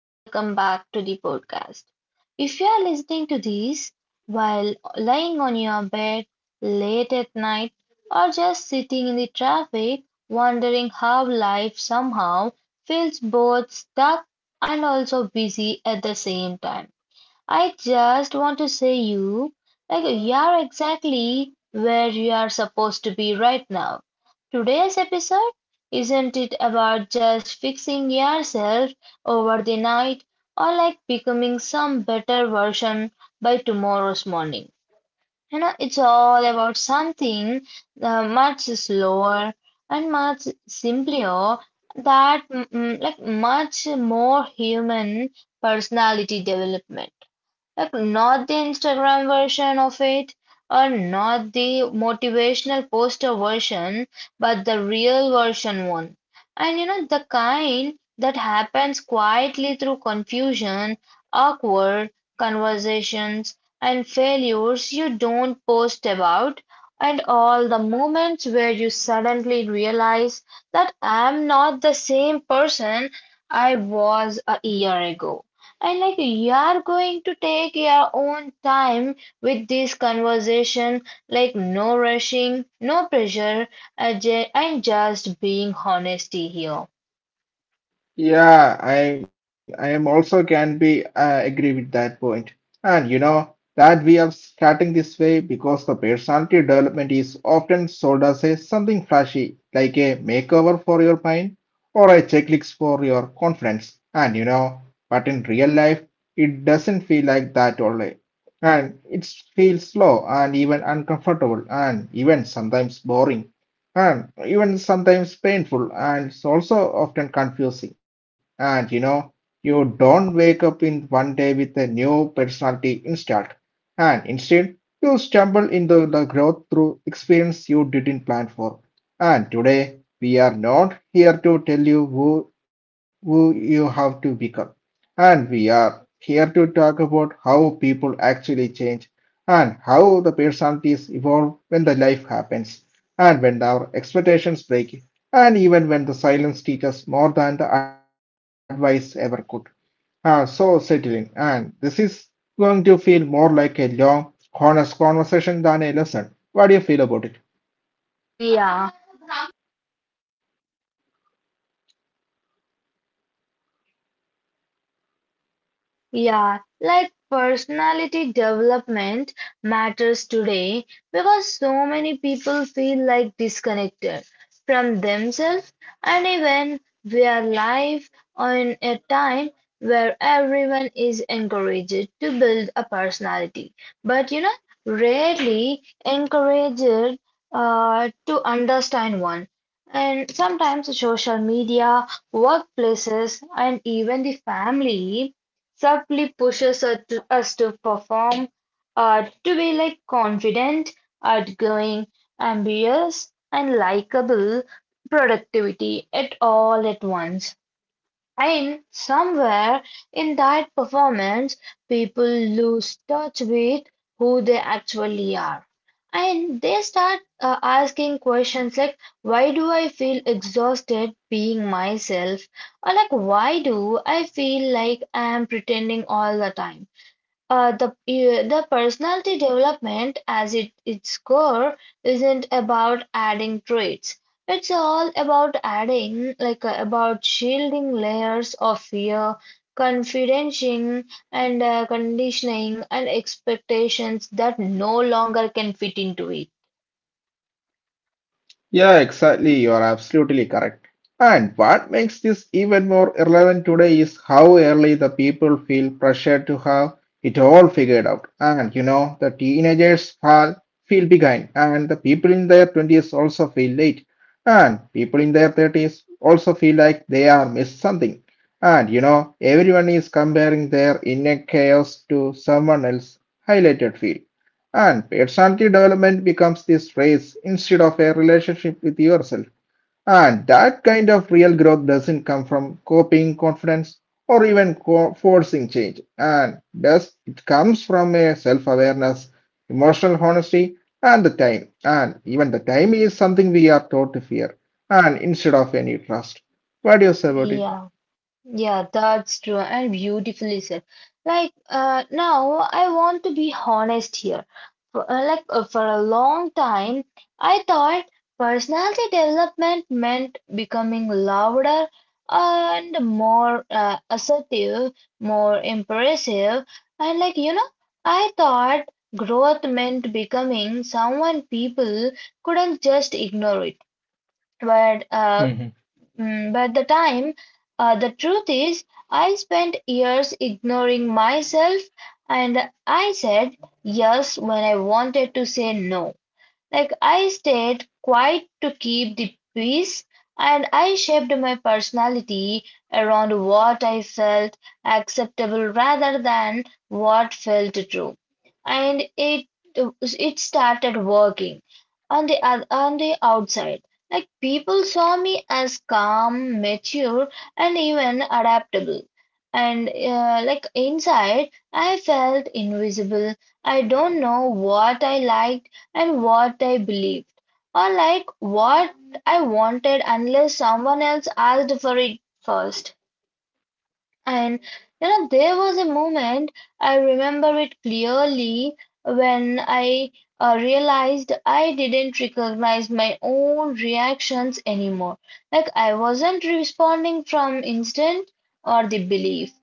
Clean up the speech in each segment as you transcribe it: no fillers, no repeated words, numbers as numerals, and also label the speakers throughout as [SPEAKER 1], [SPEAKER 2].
[SPEAKER 1] Welcome back to the podcast. If you are listening to this while lying on your bed late at night or just sitting in the traffic wondering how life somehow feels both stuck and also busy at the same time. I just want to say you, like you're exactly where you are supposed to be right now. Today's episode, isn't it about just fixing yourself over the night or like becoming some better version by tomorrow's morning? It's all about something much slower and much simpler that like much more human personality development, like not the Instagram version of it or not the motivational poster version, but the real version one. And you know, the kind that happens quietly through confusion, awkward conversations, and failures you don't post about, and all the moments where you suddenly realize that I'm not the same person I was a year ago. And like you are going to take your own time with this conversation, like no rushing, no pressure, and just being honesty here.
[SPEAKER 2] Yeah, I am also can be agree with that point. And you know that we are starting this way because the personality development is often sold as a something flashy, like a makeover for your mind or a checklist for your confidence. And you know, but in real life, it doesn't feel like that only. And it feels slow and even uncomfortable and even sometimes boring and even sometimes painful, and it's also often confusing. And you know, you don't wake up in one day with a new personality installed, and instead, you stumble into the growth through experience you didn't plan for. And today, we are not here to tell you who you have to become, and we are here to talk about how people actually change and how the personalities evolve when the life happens and when our expectations break, and even when the silence teaches more than the advice ever could. Ah, so settling, and this is going to feel more like a long, honest conversation than a lesson. What do you feel about it?
[SPEAKER 1] Yeah. Yeah, like personality development matters today because so many people feel like disconnected from themselves and even we are live in a time where everyone is encouraged to build a personality. But you know, rarely encouraged to understand one. And sometimes social media, workplaces, and even the family subtly pushes us to perform, to be like confident, outgoing, ambitious, and likable productivity at all at once. And somewhere in that performance, people lose touch with who they actually are. And they start asking questions like, why do I feel exhausted being myself? Or like, why do I feel like I'm pretending all the time? The personality development as it its core isn't about adding traits. It's all about adding about shielding layers of fear, confidentiating and conditioning and expectations that no longer can fit into it.
[SPEAKER 2] Yeah, exactly. You are absolutely correct. And what makes this even more relevant today is how early the people feel pressured to have it all figured out. And you know, the feel behind, and the people in their 20s also feel late. And people in their 30s also feel like they are missed something. And you know, everyone is comparing their inner chaos to someone else's highlighted field. And personality development becomes this race instead of a relationship with yourself. And that kind of real growth doesn't come from copying confidence or even forcing change. And thus, it comes from a self awareness, emotional honesty, and the time. And even the time is something we are taught to fear, and instead of any trust. What do you say about
[SPEAKER 1] Yeah. Yeah, that's true and beautifully said. Like, now I want to be honest here. For, for a long time, I thought personality development meant becoming louder and more assertive, more impressive, and like, you know, I thought growth meant becoming someone people couldn't just ignore it. But uh,
[SPEAKER 2] it?
[SPEAKER 1] but the time, the truth is, I spent years ignoring myself and I said yes when I wanted to say no. Like I stayed quiet to keep the peace, and I shaped my personality around what I felt acceptable rather than what felt true. And it started working on the outside. Like people saw me as calm, mature, and even adaptable. And like inside, I felt invisible. I don't know what I liked and what I believed, or like what I wanted unless someone else asked for it first. And you know, there was a moment I remember it clearly when I realized I didn't recognize my own reactions anymore. Like I wasn't responding from instinct or the belief.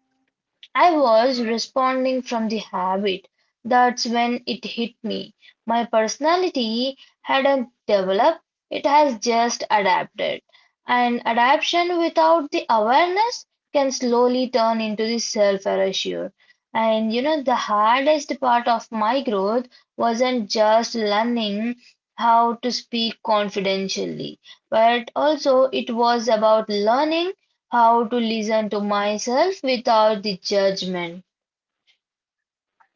[SPEAKER 1] I was responding from the habit. That's when it hit me. My personality hadn't developed, it has just adapted. And adaptation without the awareness can slowly turn into the self erasure. And you know, the hardest part of my growth wasn't just learning how to speak confidentially, but also it was about learning how to listen to myself without the judgment.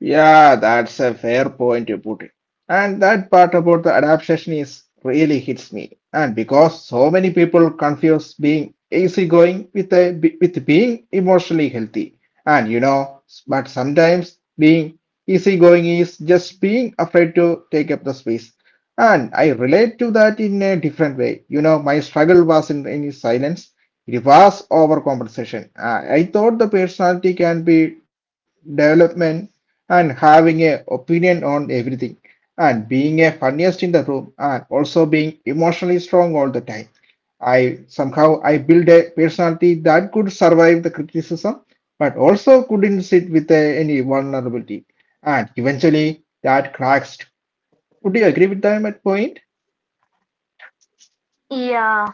[SPEAKER 2] Yeah, that's a fair point you put it. And that part about the adaptation is really hits me. And because so many people confuse being easygoing with being emotionally healthy. And you know, but sometimes being easygoing is just being afraid to take up the space. And I relate to that in a different way. You know, my struggle wasn't any silence, it was overcompensation. I thought the personality can be development and having an opinion on everything and being a funniest in the room and also being emotionally strong all the time. I somehow I built a personality that could survive the criticism but also couldn't sit with any vulnerability. And eventually that cracks. Would you agree with them at point?
[SPEAKER 1] Yeah.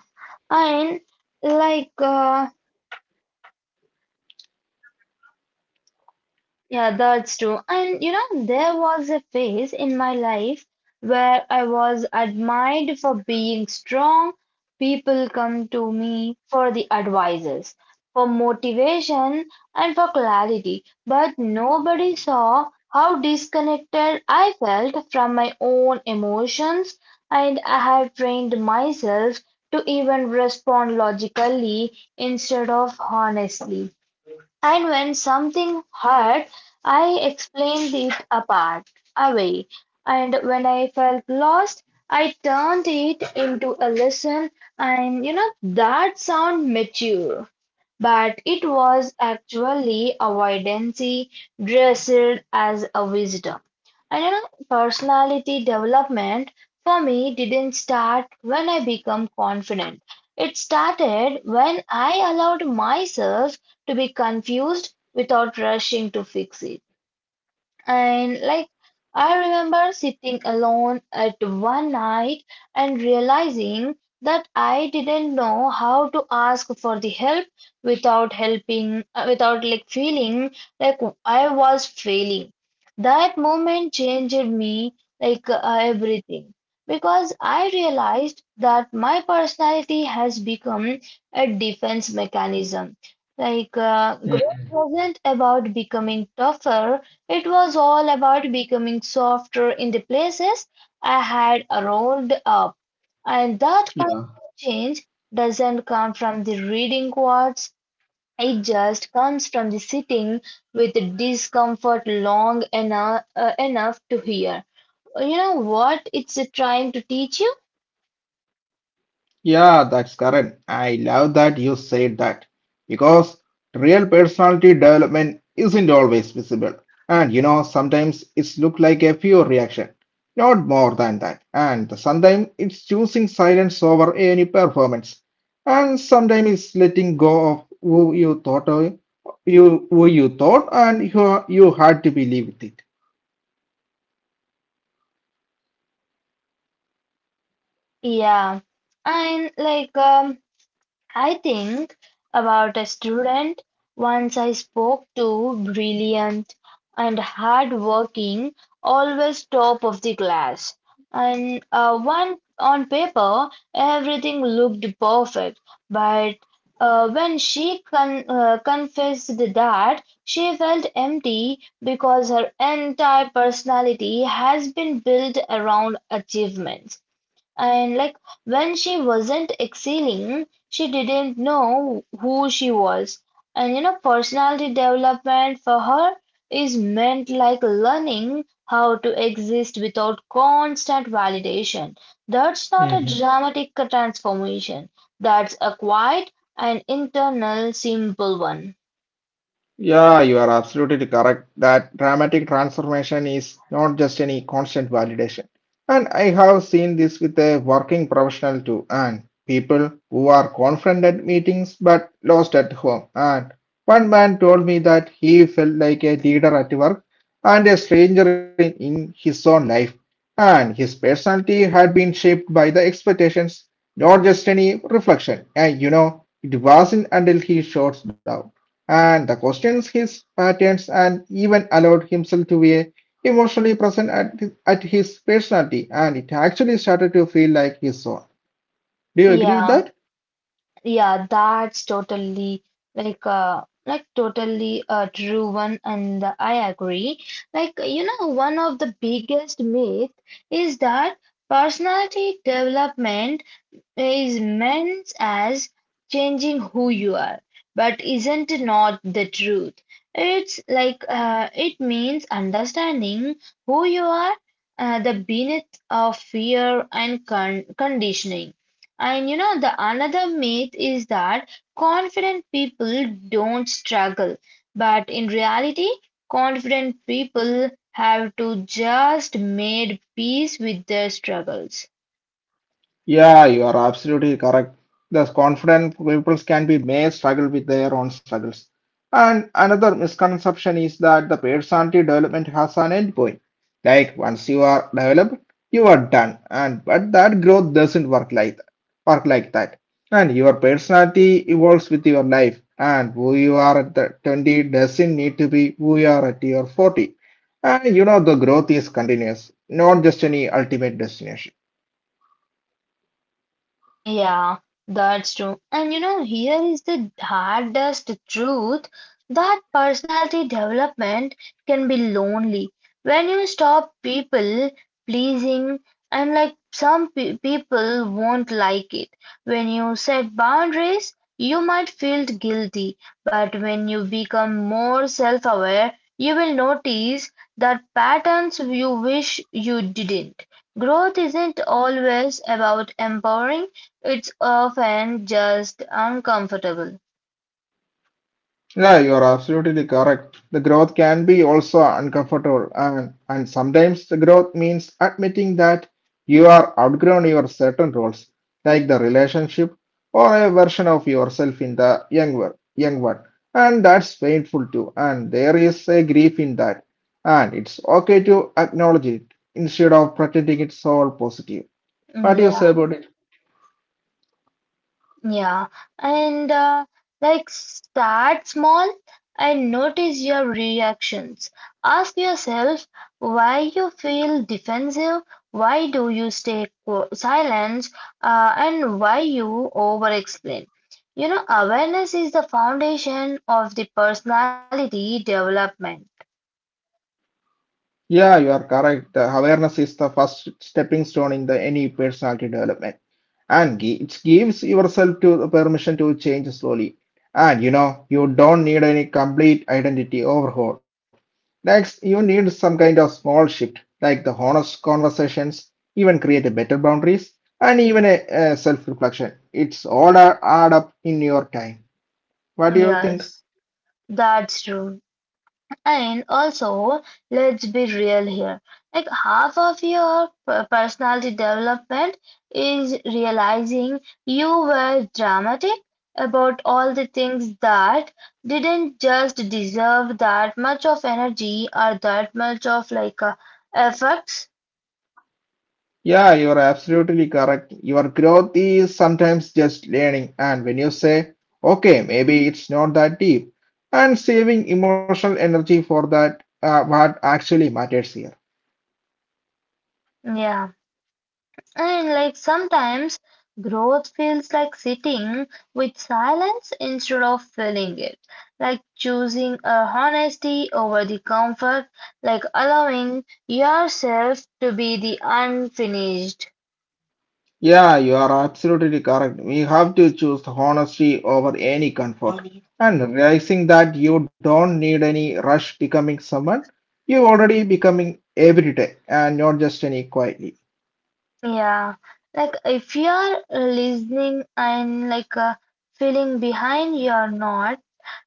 [SPEAKER 1] And like Yeah, that's true. And you know, there was a phase in my life where I was admired for being strong. People come to me for the advices, for motivation, and for clarity. But nobody saw how disconnected I felt from my own emotions, and I had trained myself to even respond logically instead of honestly. And when something hurt, I explained away. And when I felt lost, I turned it into a lesson. And you know, that sound mature but it was actually avoidance dressed as a wisdom. And you know, personality development for me didn't start when I became confident. It started when I allowed myself to be confused without rushing to fix it. And like, I remember sitting alone at one night and realizing that I didn't know how to ask for the help without like feeling like I was failing. That moment changed me everything because I realized that my personality has become a defense mechanism. Like, growth wasn't about becoming tougher. It was all about becoming softer in the places I had rolled up. And that kind of
[SPEAKER 2] Yeah,
[SPEAKER 1] change doesn't come from the reading quads, it just comes from the sitting with discomfort long enough, enough to hear. You know what it's trying to teach you?
[SPEAKER 2] yeah, that's correct. I love that you said that because real personality development isn't always visible, and you know sometimes it's look like a pure reaction, not more than that. And sometimes it's choosing silence over any performance, and sometimes it's letting go of who you thought of, you who you thought and who you had to believe with it.
[SPEAKER 1] Yeah. And like, I think about a student once I spoke to, brilliant and hardworking, always top of the class. And one on paper, everything looked perfect, but when she confessed that she felt empty because her entire personality has been built around achievements. And like when she wasn't excelling, she didn't know who she was. And you know, personality development for her is meant like learning how to exist without constant validation. That's not a dramatic transformation, that's a quiet and internal, simple one.
[SPEAKER 2] Yeah, you are absolutely correct that dramatic transformation is not just any constant validation. And I have seen this with a working professional too, and people who are confident at meetings but lost at home. And one man told me that he felt like a leader at work and a stranger in his own life. And his personality had been shaped by the expectations, not just any reflection. And you know, it wasn't until he shut down and the questions his patterns and even allowed himself to be emotionally present at his personality and it actually started to feel like his own. Do you agree with
[SPEAKER 1] Yeah.
[SPEAKER 2] that?
[SPEAKER 1] Yeah, that's totally totally a true one and I agree. Like you know, one of the biggest myth is that personality development is meant as changing who you are, but isn't not the truth. It's it means understanding who you are, the beneath of fear and conditioning. And you know the another myth is that confident people don't struggle, but in reality, confident people have to just made peace with their struggles.
[SPEAKER 2] Yeah, you are absolutely correct. Thus, confident people can be may struggle with their own struggles. And another misconception is that the personality development has an end point. Like once you are developed, you are done. And but that growth doesn't work like that. And your personality evolves with your life. And who you are at the 20 doesn't need to be who you are at your 40. And you know the growth is continuous, not just any ultimate destination.
[SPEAKER 1] Yeah, that's true. And you know, here is the hardest truth that personality development can be lonely. When you stop people pleasing, and like some pe people won't like it. When you set boundaries, you might feel guilty, but when you become more self-aware, you will notice that patterns you wish you didn't. Growth isn't always about empowering. It's often just uncomfortable.
[SPEAKER 2] Yeah, you're absolutely correct. The growth can be also uncomfortable, and sometimes the growth means admitting that you are outgrown your certain roles, like the relationship or a version of yourself in the young one. And that's painful too, and there is a grief in that. And it's okay to acknowledge it instead of pretending it's all positive. What do you say
[SPEAKER 1] Yeah,
[SPEAKER 2] about it?
[SPEAKER 1] yeah. And like start small and notice your reactions. Ask yourself why you feel defensive, why do you stay silent, and why you over explain. You know, awareness is the foundation of the personality development.
[SPEAKER 2] Yeah, you are correct. The awareness is the first stepping stone in the any personality development, and it gives yourself to the permission to change slowly. And you know, you don't need any complete identity overhaul. Next, you need some kind of small shift, like the honest conversations, even create a better boundaries, and even a self-reflection. It's all add up in your time. What do you think?
[SPEAKER 1] Yes, that's true. And also, let's be real here. Like half of your personality development is realizing you were dramatic about all the things that didn't just deserve that much of energy or that much of effects.
[SPEAKER 2] Yeah, you're absolutely correct. Your growth is sometimes just learning, and when you say, okay, maybe it's not that deep, and saving emotional energy for that, what actually matters here.
[SPEAKER 1] Yeah. And like sometimes growth feels like sitting with silence instead of filling it, like choosing a honesty over the comfort, like allowing yourself to be the unfinished.
[SPEAKER 2] Yeah, you are absolutely correct. We have to choose honesty over any comfort, and realizing that you don't need any rush becoming someone, you already becoming every day, and not just any quietly.
[SPEAKER 1] Yeah, like if you're listening and feeling behind, you're not,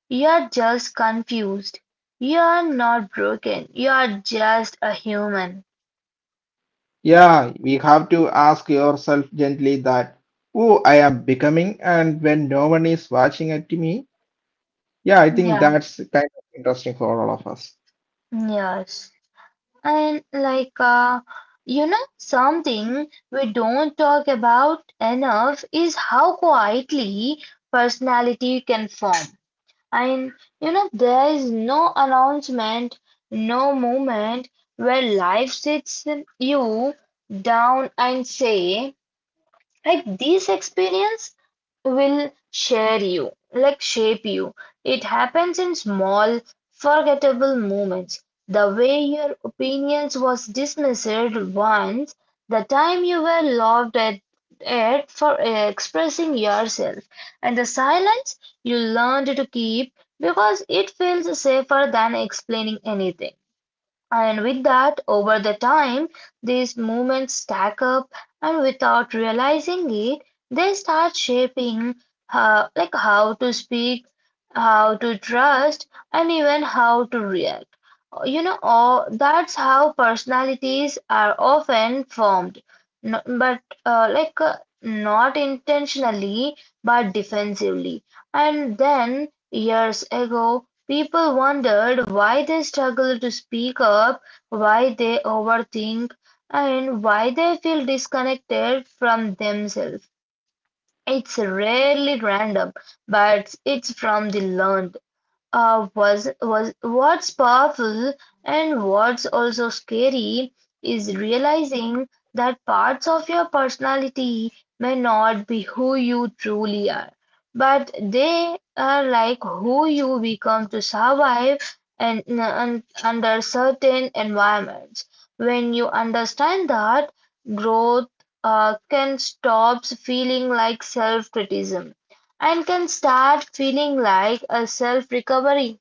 [SPEAKER 1] you're just confused. You're not broken, you're just a human.
[SPEAKER 2] Yeah, we have to ask yourself gently that who I am becoming and when no one is watching at me. Yeah, I think
[SPEAKER 1] Yeah,
[SPEAKER 2] that's kind of interesting for all of us.
[SPEAKER 1] yes. And you know, something we don't talk about enough is how quietly personality can form. And you know, there is no announcement, no moment where life sits you down and say, like this experience will share you, like shape you. It happens in small, forgettable moments. The way your opinions was dismissed once, the time you were at for expressing yourself, and the silence you learned to keep because it feels safer than explaining anything. And with that, over the time, these movements stack up, and without realizing it, they start shaping how, like how to speak, how to trust, and even how to react. You know, all, that's how personalities are often formed, No- but like not intentionally, but defensively. And then years ago, people wondered why they struggle to speak up, why they overthink, and why they feel disconnected from themselves. It's rarely random, but it's from the learned. Was What's powerful and what's also scary is realizing that parts of your personality may not be who you truly are, but they are like who you become to survive and under certain environments. When you understand that, growth can stop feeling like self-criticism and can start feeling like a self recovery.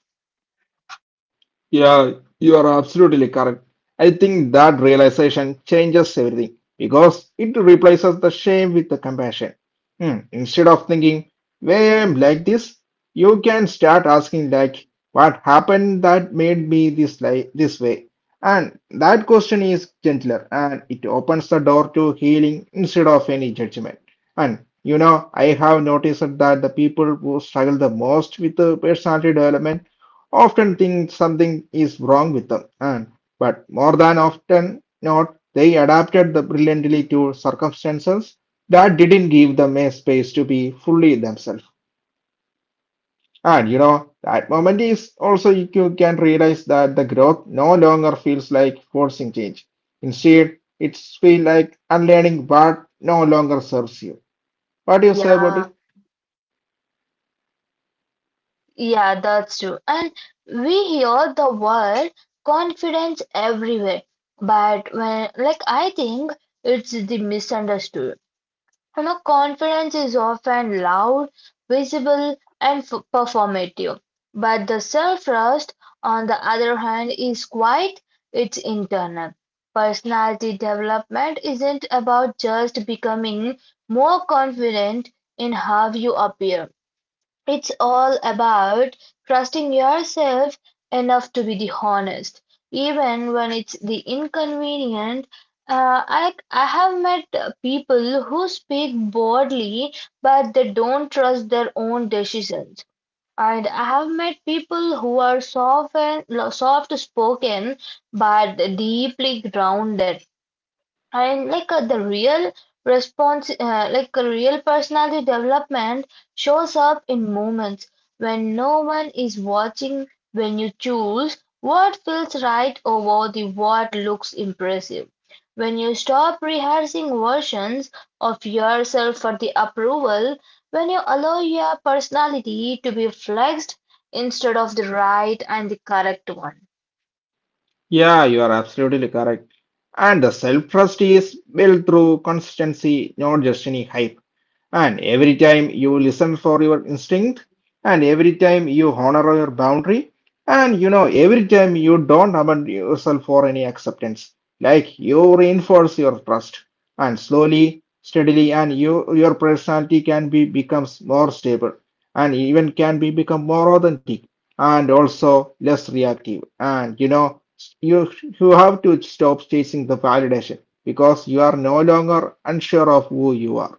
[SPEAKER 2] Yeah, you are absolutely correct. I think that realization changes everything because it replaces the shame with the compassion. Hmm, instead of thinking, why I'm like this, you can start asking like, what happened that made me this like this way? And that question is gentler and it opens the door to healing instead of any judgment. And you know, I have noticed that the people who struggle the most with the personality development often think something is wrong with them, and but more than often not, they adapted the brilliantly to circumstances that didn't give them a space to be fully themselves. And you know, that moment is also you can realize that the growth no longer feels like forcing change. Instead, it's feel like unlearning what no longer serves you. What do you say about
[SPEAKER 1] Yeah,
[SPEAKER 2] it?
[SPEAKER 1] yeah, that's true. And we hear the word confidence everywhere, but when, like, I think it's the misunderstood. You know, confidence is often loud, visible, and performative, but the self-trust, on the other hand, is quiet, it's internal. Personality development isn't about just becoming more confident in how you appear. It's all about trusting yourself enough to be the honest, even when it's the inconvenient. I have met people who speak boldly, but they don't trust their own decisions. And I have met people who are soft spoken, but deeply grounded. And like the real like a real personality development shows up in moments when no one is watching, when you choose what feels right over the what looks impressive. When you stop rehearsing versions of yourself for the approval, when you allow your personality to be flexed instead of the right and the correct one.
[SPEAKER 2] Yeah, you are absolutely correct. And the self-trust is built through consistency, not just any hype. And every time you listen for your instinct, and every time you honor your boundary, and you know, every time you don't abandon yourself for any acceptance, like you reinforce your trust, and slowly, steadily, and you your personality can be becomes more stable, and even can be become more authentic, and also less reactive, and you know you you have to stop chasing the validation because you are no longer unsure of who you are.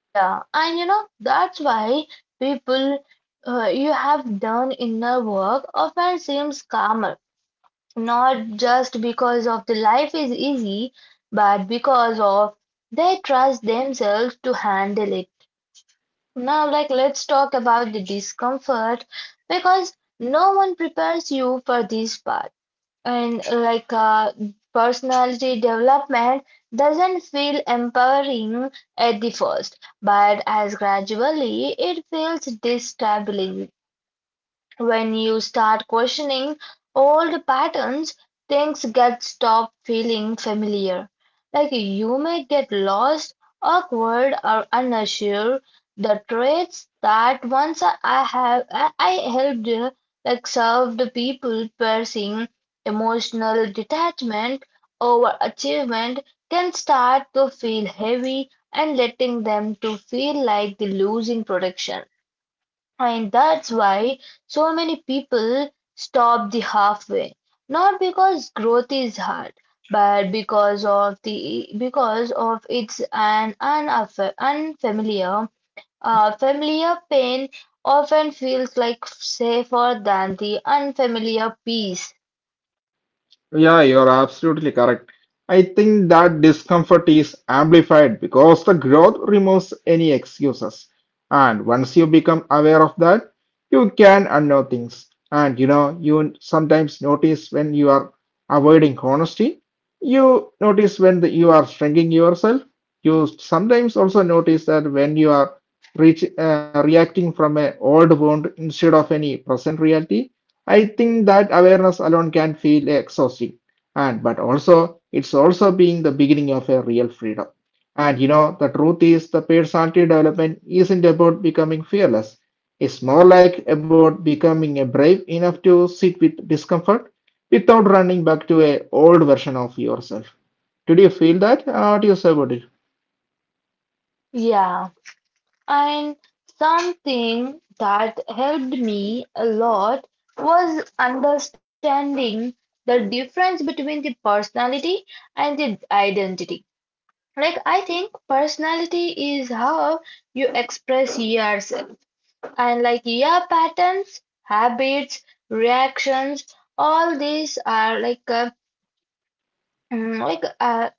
[SPEAKER 1] Yeah, and you know, that's why people you have done inner work often seems calmer, not just because of the life is easy, but because of they trust themselves to handle it. Now, like, let's talk about the discomfort because no one prepares you for this part and like personality development doesn't feel empowering at the first, but as gradually it feels destabilizing. When you start questioning old patterns, things get stop feeling familiar. Like you may get lost, awkward, or unsure. The traits that once I have I helped like served people pursuing emotional detachment over achievement can start to feel heavy and letting them to feel like they're losing protection. And that's why so many people stop the halfway. Not because growth is hard, but because of it's an unaf- unfamiliar familiar pain often feels like safer than the unfamiliar peace.
[SPEAKER 2] Yeah, you're absolutely correct. I think that discomfort is amplified because the growth removes any excuses. And once you become aware of that, you can unknow things. And you know, you sometimes notice when you are avoiding honesty, you notice when you are shrinking yourself. You sometimes also notice that when you are reacting from an old wound instead of any present reality. I think that awareness alone can feel exhausting, and but also it's also being the beginning of a real freedom. And you know, the truth is the personality development isn't about becoming fearless. It's more like about becoming a brave enough to sit with discomfort without running back to a old version of yourself. Did you feel that? What do you say about it?
[SPEAKER 1] Yeah. And something that helped me a lot was understanding the difference between the personality and the identity. Like, I think personality is how you express yourself, and like your patterns, habits, reactions, all these are mm, like uh,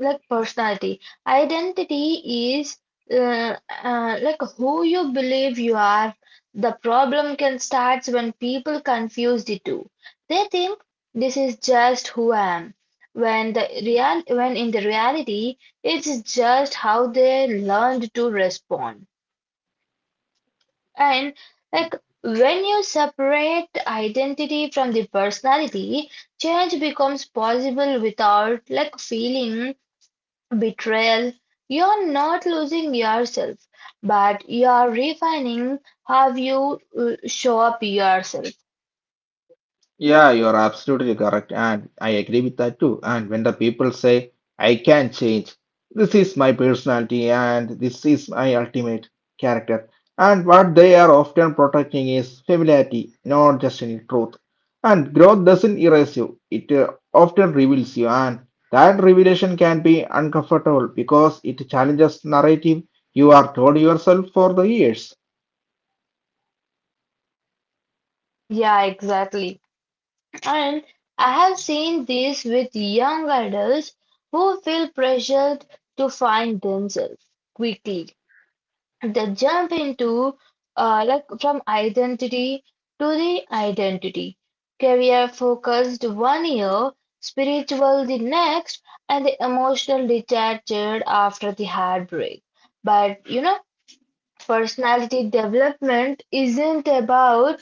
[SPEAKER 1] like personality. Identity is uh, like who you believe you are. The problem can start when people confuse the two. They think this is just who I am. When in the reality it's just how they learned to respond. And like when you separate identity from the personality, change becomes possible without like feeling betrayal, you're not losing yourself, but you're refining how you show up yourself.
[SPEAKER 2] Yeah, you're absolutely correct, and I agree with that too. And when the people say, I can change, this is my personality and this is my ultimate character. And what they are often protecting is familiarity, not just any truth. And growth doesn't erase you, it often reveals you. And that revelation can be uncomfortable because it challenges narrative you are told yourself for the years.
[SPEAKER 1] Yeah, exactly. And I have seen this with young adults who feel pressured to find themselves quickly the jump into like from identity to the identity career focused one year spiritual the next and the emotional detached after the heartbreak, but you know personality development isn't about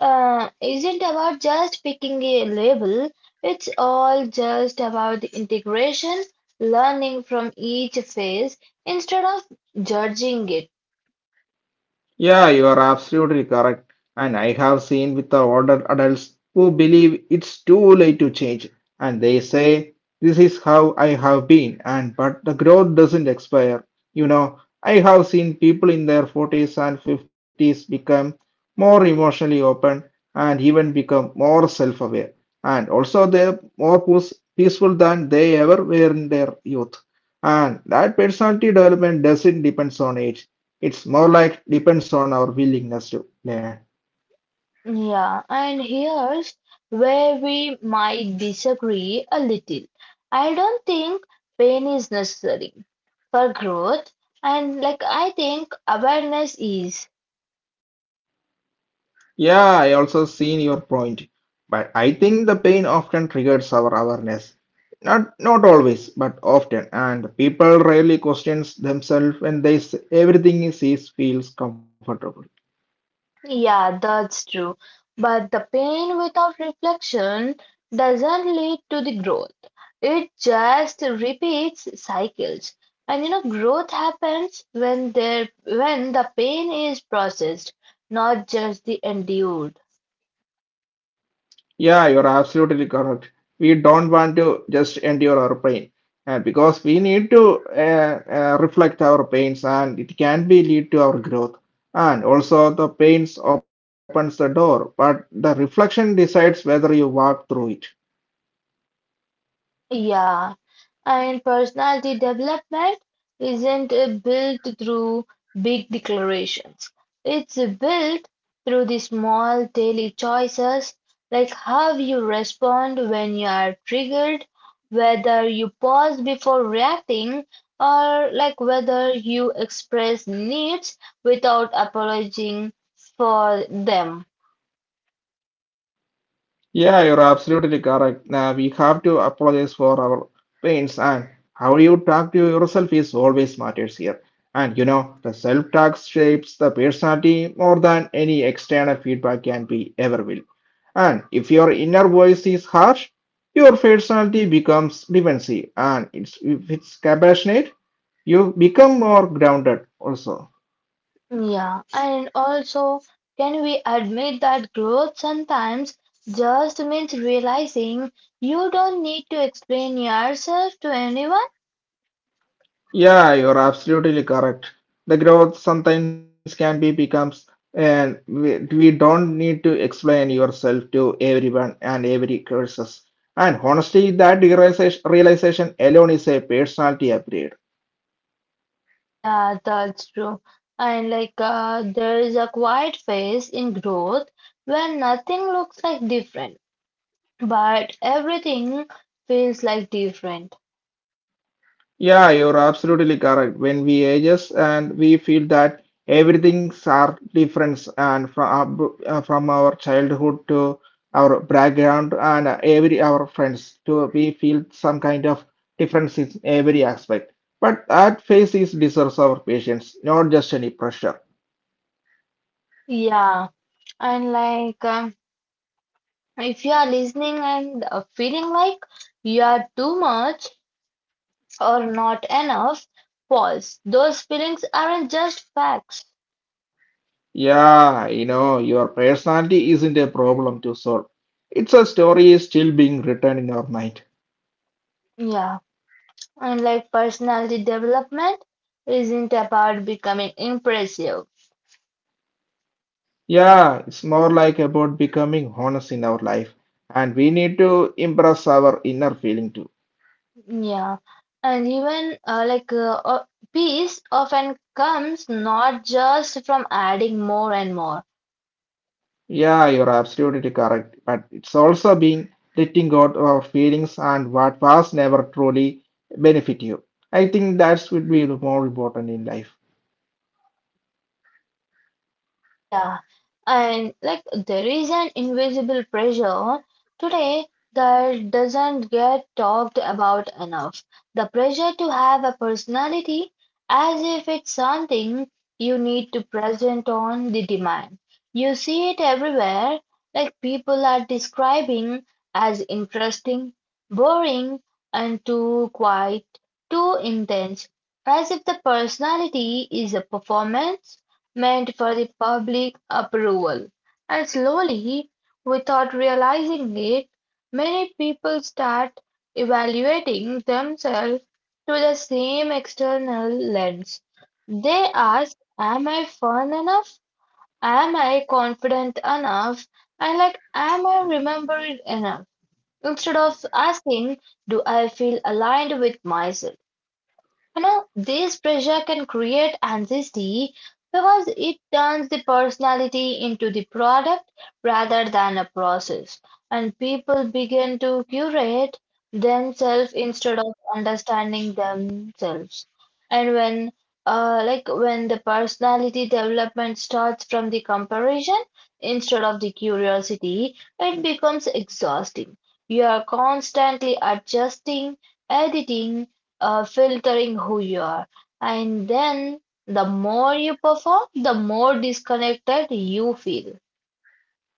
[SPEAKER 1] uh, isn't about just picking a label, it's all just about the integration, learning from each phase instead of judging it.
[SPEAKER 2] Yeah, you are absolutely correct. And I have seen with the older adults who believe it's too late to change. And they say, this is how I have been. And but the growth doesn't expire. You know, I have seen people in their 40s and 50s become more emotionally open and even become more self-aware. And also they're more peaceful than they ever were in their youth. And that personality development doesn't depend on age. It's more like depends on our willingness to learn.
[SPEAKER 1] Yeah, and here's where we might disagree a little. I don't think pain is necessary for growth, and like I think awareness is.
[SPEAKER 2] Yeah, I also seen your point, but I think the pain often triggers our awareness. Not always, but often, and people rarely questions themselves when they everything is feels comfortable.
[SPEAKER 1] Yeah, that's true. But the pain without reflection doesn't lead to the growth. It just repeats cycles. And you know, growth happens when the pain is processed, not just the endured.
[SPEAKER 2] Yeah, you're absolutely correct. We don't want to just endure our pain because we need to reflect our pains and it can be lead to our growth. And also the pains opens the door, but the reflection decides whether you walk through it.
[SPEAKER 1] Yeah, and personality development isn't built through big declarations. It's built through the small daily choices, like how you respond when you are triggered, whether you pause before reacting, or like whether you express needs without apologizing for them.
[SPEAKER 2] Yeah, you're absolutely correct. Now we have to apologize for our pains and how you talk to yourself is always matters here. And you know, the self-talk shapes the personality more than any external feedback can be ever will. And if your inner voice is harsh, your personality becomes defensive. And it's, if it's compassionate, you become more grounded also.
[SPEAKER 1] Yeah, and also, can we admit that growth sometimes just means realizing you don't need to explain yourself to anyone?
[SPEAKER 2] Yeah, you're absolutely correct. The growth sometimes can be becomes and we don't need to explain yourself to everyone and every curses. And honestly, that realization alone is a personality upgrade.
[SPEAKER 1] Yeah, that's true. And like, there is a quiet phase in growth where nothing looks like different, but everything feels like different.
[SPEAKER 2] Yeah, you're absolutely correct. When we ages and we feel that everything's are different and from our childhood to our background and every our friends to we feel some kind of difference in every aspect. But that phase is deserves our patience, not just any pressure.
[SPEAKER 1] Yeah, and like, um, if you are listening and feeling like you are too much, or not enough false. Those feelings aren't just facts.
[SPEAKER 2] Yeah, you know, your personality isn't a problem to solve. It's a story still being written in our mind.
[SPEAKER 1] Yeah. And like personality development isn't about becoming impressive.
[SPEAKER 2] Yeah, it's more like about becoming honest in our life, and we need to impress our inner feeling too.
[SPEAKER 1] Yeah. And even peace often comes not just from adding more and more.
[SPEAKER 2] Yeah, you're absolutely correct, but it's also being letting go of our feelings and what was never truly benefit you. I think that's would be more important in life.
[SPEAKER 1] Yeah, and like there is an invisible pressure today that doesn't get talked about enough. The pressure to have a personality as if it's something you need to present on the demand. You see it everywhere, like people are describing as interesting, boring, and too quiet, too intense, as if the personality is a performance meant for the public approval. And slowly, without realizing it, many people start evaluating themselves through the same external lens. They ask, am I fun enough? Am I confident enough? And like, am I remembered enough? Instead of asking, do I feel aligned with myself? You know, this pressure can create anxiety because it turns the personality into the product rather than a process, and people begin to curate themselves instead of understanding themselves. And when the personality development starts from the comparison instead of the curiosity, it becomes exhausting. You are constantly adjusting, editing, filtering who you are. And then the more you perform, the more disconnected you feel.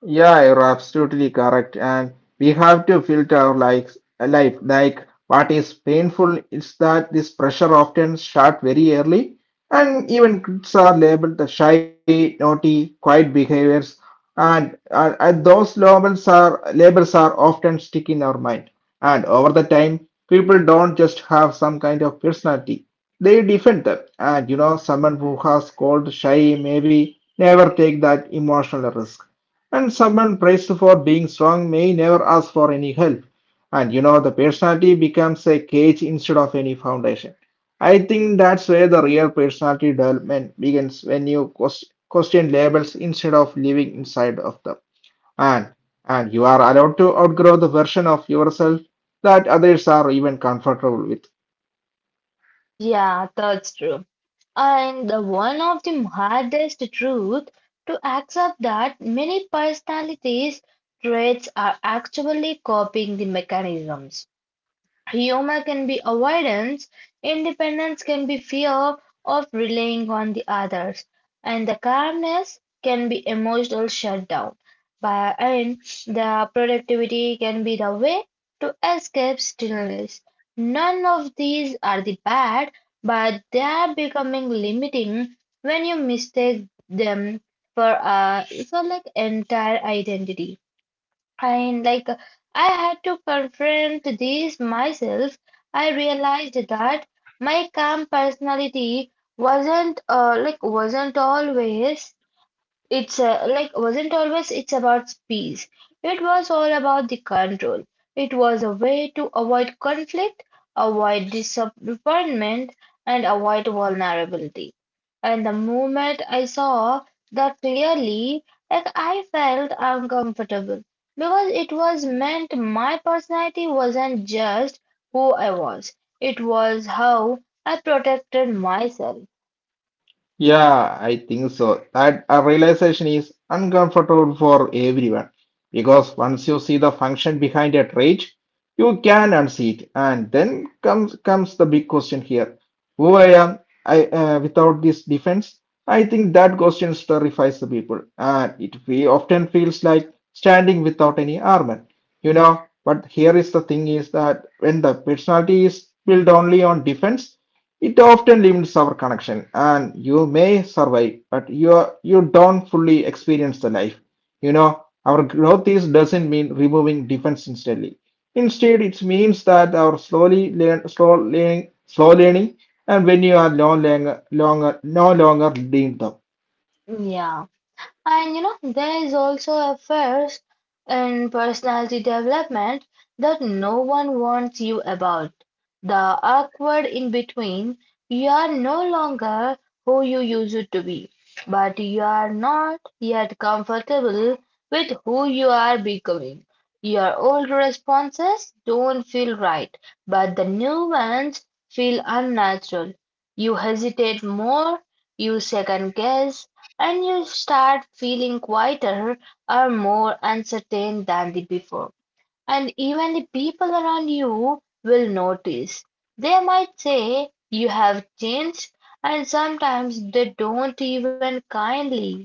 [SPEAKER 2] Yeah, you're absolutely correct. And we have to filter our likes, life. Like what is painful is that this pressure often start very early, and even kids are labeled the shy, naughty, quiet behaviors, and, and those labels are often stick in our mind. And over the time, people don't just have some kind of personality; they defend them. And you know, someone who has called shy maybe never take that emotional risk and someone praised for being strong may never ask for any help. And you know, the personality becomes a cage instead of any foundation. I think that's where the real personality development begins when you question labels instead of living inside of them. And and you are allowed to outgrow the version of yourself that others are even comfortable with.
[SPEAKER 1] Yeah, that's true. And the one of the hardest truth to accept that many personalities traits are actually copying the mechanisms. Humor can be avoidance, independence can be fear of relying on the others, and the calmness can be emotional shutdown. But, and the productivity can be the way to escape stillness. None of these are the bad, but they are becoming limiting when you mistake them for uh, for like entire identity. And like I had to confront these myself, I realized that my calm personality wasn't like wasn't always it's like wasn't always it's about peace, it was all about the control, it was a way to avoid conflict, avoid disappointment, and avoid vulnerability, and the moment I saw that clearly, like I felt uncomfortable because it was meant my personality wasn't just who I was, it was how I protected myself.
[SPEAKER 2] Yeah, I think so. That realization is uncomfortable for everyone because once you see the function behind a trait, you can unsee it. And then comes the big question here. Who I am I without this defense? I think that question terrifies the people, and it we often feels like standing without any armor, you know. But here is the thing is that when the personality is built only on defense, it often limits our connection, and you may survive, but you are, you don't fully experience the life. You know, our growth is doesn't mean removing defense instantly. Instead, it means that our slowly learn, slow learning, and when you are no longer need them.
[SPEAKER 1] Yeah. And you know, there is also a phase in personality development that no one warns you about. The awkward in between, you are no longer who you used to be, but you are not yet comfortable with who you are becoming. Your old responses don't feel right, but the new ones feel unnatural. You hesitate more, you second guess, and you start feeling quieter or more uncertain than the before. And even the people around you will notice. They might say you have changed, and sometimes they don't even kindly.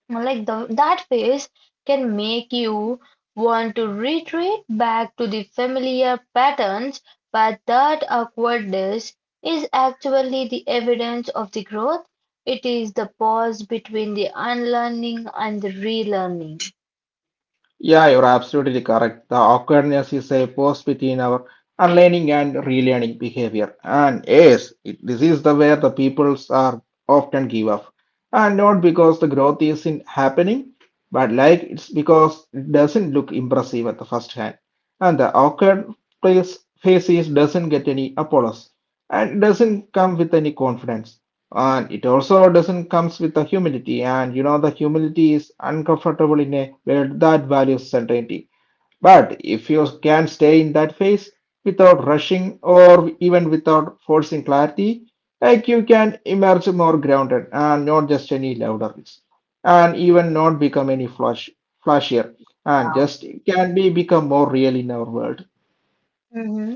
[SPEAKER 1] Like the that phase can make you want to retreat back to the familiar patterns, but that awkwardness is actually the evidence of the growth. It is the pause between the unlearning and the relearning.
[SPEAKER 2] Yeah, you're absolutely correct. The awkwardness is a pause between our unlearning and relearning behavior. And yes, it, this is the where the peoples are often give up. And not because the growth isn't happening, but like it's because it doesn't look impressive at the first hand. And the awkward place faces doesn't get any applause and doesn't come with any confidence, and it also doesn't comes with a humility. And you know, the humility is uncomfortable in a world that values certainty. But if you can stay in that phase without rushing or even without forcing clarity, like you can emerge more grounded and not just any louder, and even not become any flashier and
[SPEAKER 1] Yeah.
[SPEAKER 2] just can be become more real in our world.
[SPEAKER 1] Mm-hmm.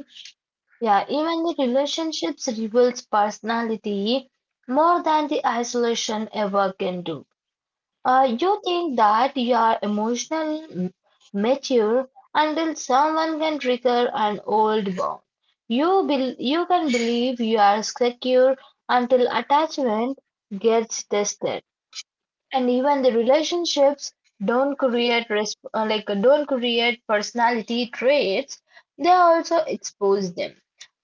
[SPEAKER 1] Yeah, even the relationships reveals personality more than the isolation ever can do. You think that you are mature until someone can trigger an old bond. You can believe you are secure until attachment gets tested, and even the relationships don't create personality traits, they also expose them.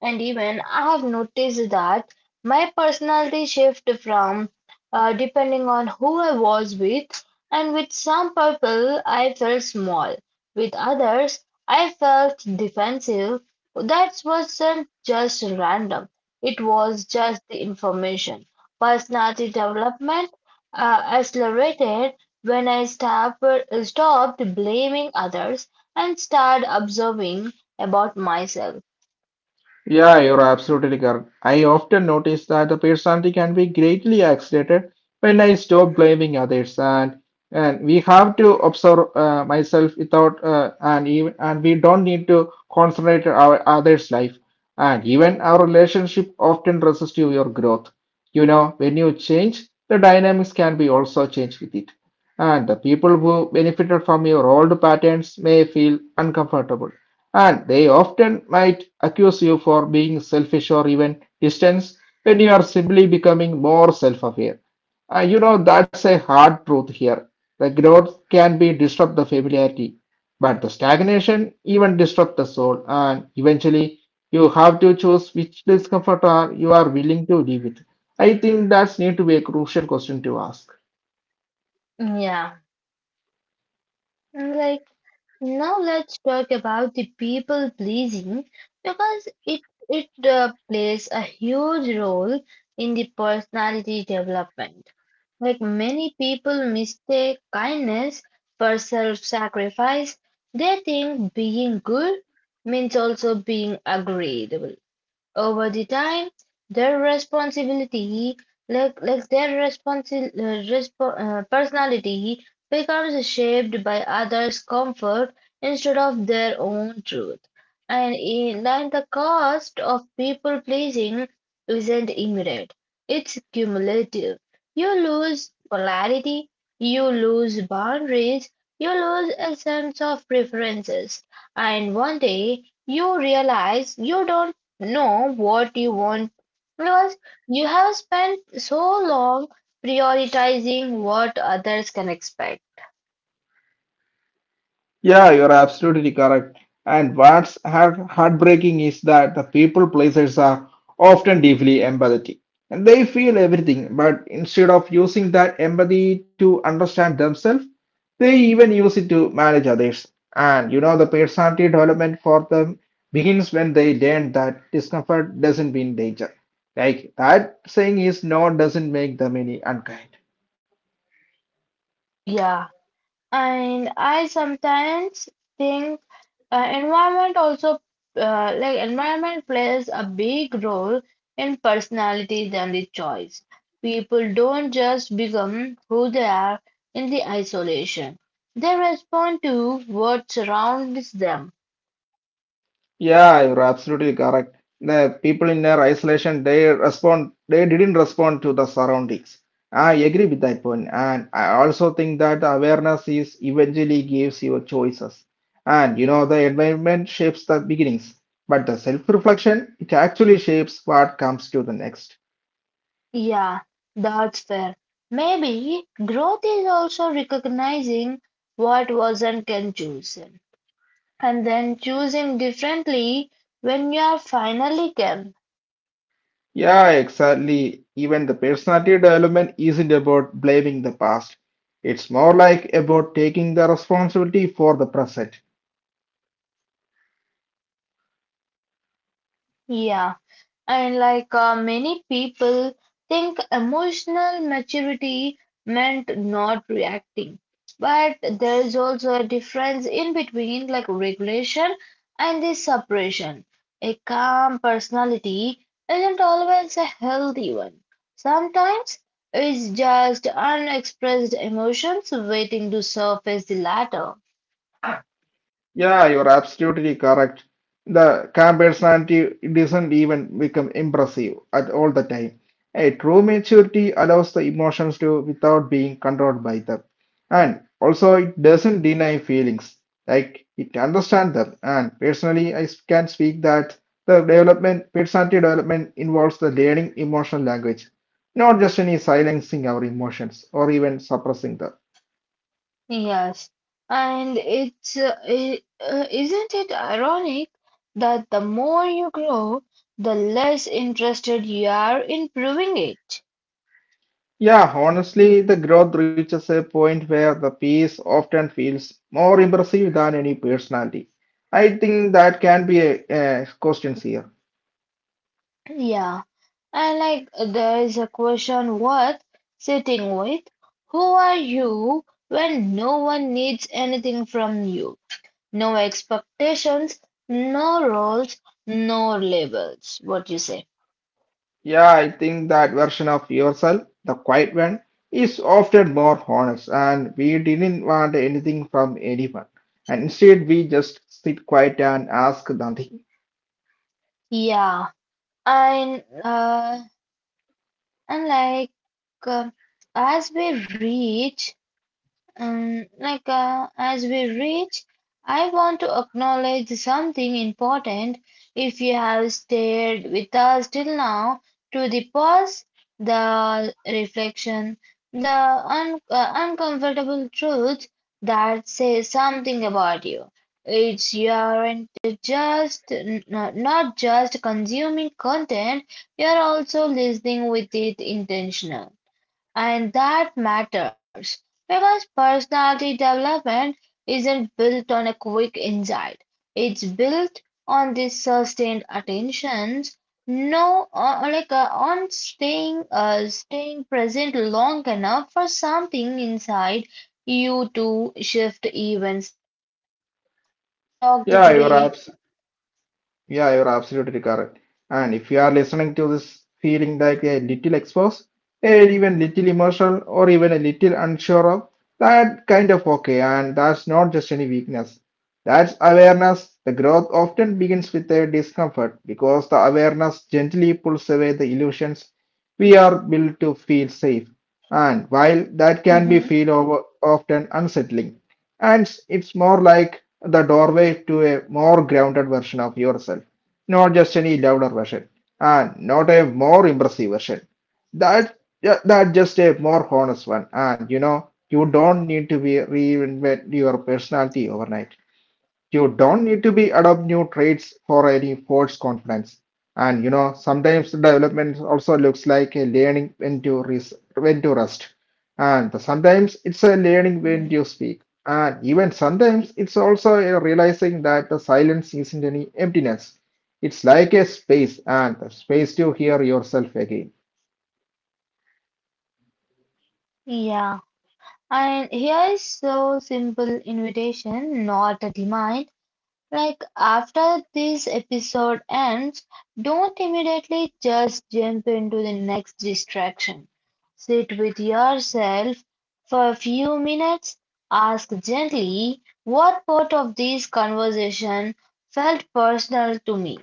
[SPEAKER 1] And even I have noticed that my personality shift from depending on who I was with, and with some people I felt small, with others I felt defensive. That wasn't just random, it was just the information. Personality development accelerated when I stopped blaming others and started observing about myself.
[SPEAKER 2] Yeah, you're absolutely correct. I often notice that the personality can be greatly accelerated when I stop blaming others, and we have to observe myself without and even and we don't need to concentrate our others' life, and even our relationship often resists to your growth. You know, when you change, the dynamics can be also changed with it, and the people who benefited from your old patterns may feel uncomfortable, and they often might accuse you for being selfish or even distant when you are simply becoming more self-aware. You know, that's a hard truth here. The growth can be disrupt the familiarity, but the stagnation even disrupt the soul. And eventually you have to choose which discomfort are you are willing to live with. I think that's need to be a crucial question to ask.
[SPEAKER 1] Yeah. Like now let's talk about the people pleasing because it plays a huge role in the personality development. Like many people mistake kindness for self-sacrifice, they think being good means also being agreeable. Over the time, their responsibility, like their responsi- respo- personality, becomes shaped by others' comfort instead of their own truth. And in like the cost of people pleasing isn't immediate; it's cumulative. You lose polarity, you lose boundaries, you lose a sense of preferences, and one day you realize you don't know what you want because you have spent so long prioritizing what others can expect.
[SPEAKER 2] Yeah, you're absolutely correct. And what's heartbreaking is that the people pleasers are often deeply empathetic. And they feel everything, but instead of using that empathy to understand themselves, they even use it to manage others. And you know, the personality development for them begins when they learn that discomfort doesn't mean danger. Like that saying is no doesn't make them any unkind.
[SPEAKER 1] Yeah, and I sometimes think environment also like environment plays a big role in personality than the choice. People don't just become who they are in the isolation. They respond to what surrounds them.
[SPEAKER 2] Yeah, you're absolutely correct. The people in their isolation, they respond, they didn't respond to the surroundings. I agree with that point, and I also think that the awareness is eventually gives you choices. And you know, the environment shapes the beginnings, but the self-reflection, it actually shapes what comes to the next.
[SPEAKER 1] Yeah, that's fair. Maybe growth is also recognizing what wasn't can chosen and then choosing differently when you are finally can.
[SPEAKER 2] Yeah, exactly. Even the personality development isn't about blaming the past. It's more like about taking the responsibility for the present.
[SPEAKER 1] Yeah. And like many people think emotional maturity meant not reacting. But there is also a difference in between like regulation and the suppression. A calm personality isn't always a healthy one. Sometimes it's just unexpressed emotions waiting to surface the latter.
[SPEAKER 2] Yeah, you're absolutely correct. The camp personality doesn't even become impressive at all the time. A true maturity allows the emotions to without being controlled by them. And also it doesn't deny feelings. Like it understands them. And personally I can speak that the development personality development involves the learning emotional language, not just any silencing our emotions or even suppressing them.
[SPEAKER 1] Yes, and isn't it ironic that the more you grow, the less interested you are in proving it?
[SPEAKER 2] Yeah, honestly, the growth reaches a point where the piece often feels more impressive than any personality. I think that can be a question here.
[SPEAKER 1] Yeah, and like there is a question worth sitting with. Who are you when no one needs anything from you? No expectations, no roles, no labels. What you say?
[SPEAKER 2] Yeah, I think that version of yourself, the quiet one, is often more honest, and we didn't want anything from anyone. And instead, we just sit quiet and ask nothing.
[SPEAKER 1] Yeah, and uh, and like uh, as we reach like as we reach, I want to acknowledge something important. If you have stayed with us till now, to the pause, the reflection, the un uncomfortable truth that says something about you. It's you aren't just not, not just consuming content, you're also listening with it intentional. And that matters because personality development isn't built on a quick insight. It's built on the sustained attentions, no, like on staying, staying present long enough for something inside you to shift even slightly. We talked
[SPEAKER 2] Yeah, you're
[SPEAKER 1] today.
[SPEAKER 2] abs- Yeah, you're absolutely correct. And if you are listening to this feeling like a little exposed, and even little emotional, or even a little unsure of, that kind of okay. And that's not just any weakness. That's awareness. The growth often begins with a discomfort because the awareness gently pulls away the illusions we are built to feel safe. And while that can be feel
[SPEAKER 1] Mhm.
[SPEAKER 2] over, often unsettling, and it's more like the doorway to a more grounded version of yourself, not just any louder version, and not a more impressive version. That yeah, that just a more honest one, and you know you don't need to be reinvent your personality overnight. You don't need to be adopt new traits for any false confidence. And you know, sometimes development also looks like a learning when to when to rest, and sometimes it's a learning when to speak, and even sometimes it's also a realizing that the silence isn't any emptiness. It's like a space and a space to hear yourself again.
[SPEAKER 1] Yeah, and here is so simple invitation, not a demand. Like after this episode ends, don't immediately just jump into the next distraction. Sit with yourself for a few minutes. Ask gently what part of this conversation felt personal to me.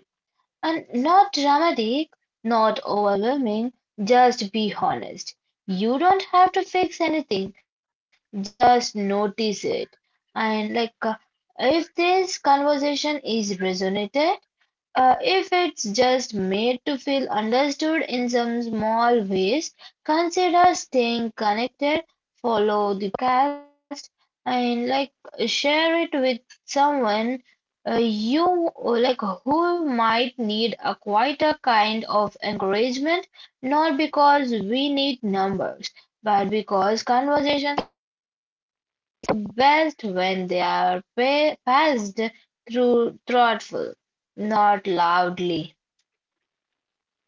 [SPEAKER 1] And not dramatic, not overwhelming, just be honest. You don't have to fix anything, just notice it. And like, if this conversation is resonated, if it's just made to feel understood in some small ways, consider staying connected, follow the podcast, and like share it with someone you like who might need a quieter kind of encouragement, not because we need numbers, but because conversations are best when they are passed through thoughtful, not loudly.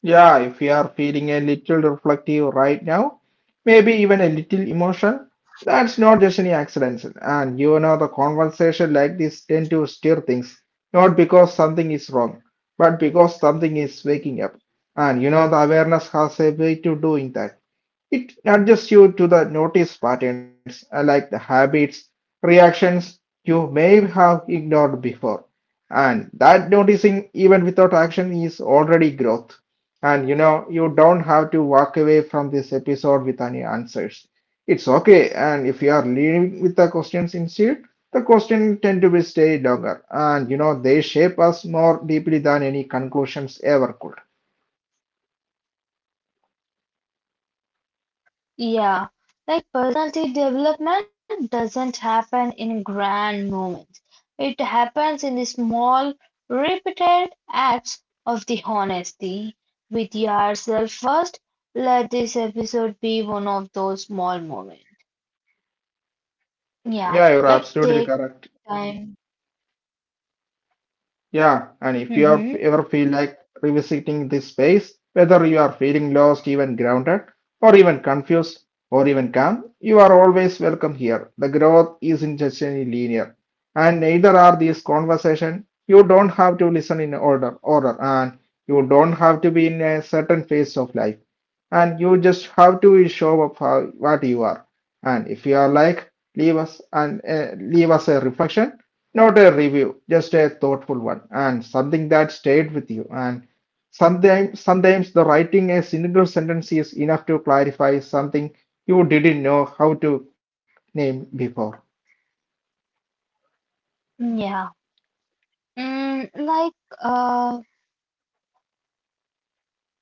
[SPEAKER 2] Yeah, if you are feeling a little reflective right now, maybe even a little emotion, that's not just any accident. And you know, the conversation like this tend to steer things, not because something is wrong, but because something is waking up. And you know, the awareness has a way to doing that. It adjusts you to the notice patterns, like the habits, reactions you may have ignored before. And that noticing, even without action, is already growth. And you know, you don't have to walk away from this episode with any answers. It's okay. And if you are leaving with the questions instead, the questions tend to be stay longer. And you know, they shape us more deeply than any conclusions ever could.
[SPEAKER 1] Yeah, like personality development doesn't happen in grand moments. It happens in the small, repeated acts of the honesty with yourself first. Let this episode be one of those small moments.
[SPEAKER 2] Yeah, you're
[SPEAKER 1] Yeah, like
[SPEAKER 2] absolutely
[SPEAKER 1] take
[SPEAKER 2] correct.
[SPEAKER 1] time.
[SPEAKER 2] Yeah, and if you
[SPEAKER 1] Mm-hmm.
[SPEAKER 2] have ever feel like revisiting this space, whether you are feeling lost, even grounded, or even confused, or even calm, you are always welcome here. The growth isn't just any linear, and neither are these conversations. You don't have to listen in order, and you don't have to be in a certain phase of life, and you just have to show up how what you are. And if you are like, leave us a reflection, not a review, just a thoughtful one, and something that stayed with you. And sometimes the writing a single sentence is enough to clarify something you didn't know how to name before.
[SPEAKER 1] Yeah. Mm, like uh,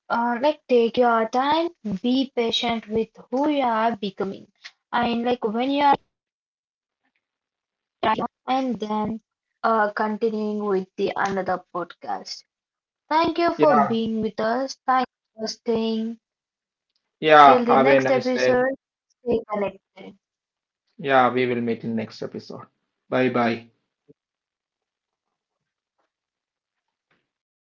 [SPEAKER 1] like take your time, be patient with who you are becoming. And like when you are and then continuing with the another podcast. Thank you for
[SPEAKER 2] Yeah,
[SPEAKER 1] being with us. Thank you for staying
[SPEAKER 2] yeah,
[SPEAKER 1] till the
[SPEAKER 2] have a
[SPEAKER 1] next
[SPEAKER 2] nice day.
[SPEAKER 1] episode. Stay connected.
[SPEAKER 2] Yeah, we will meet in next episode. Bye bye.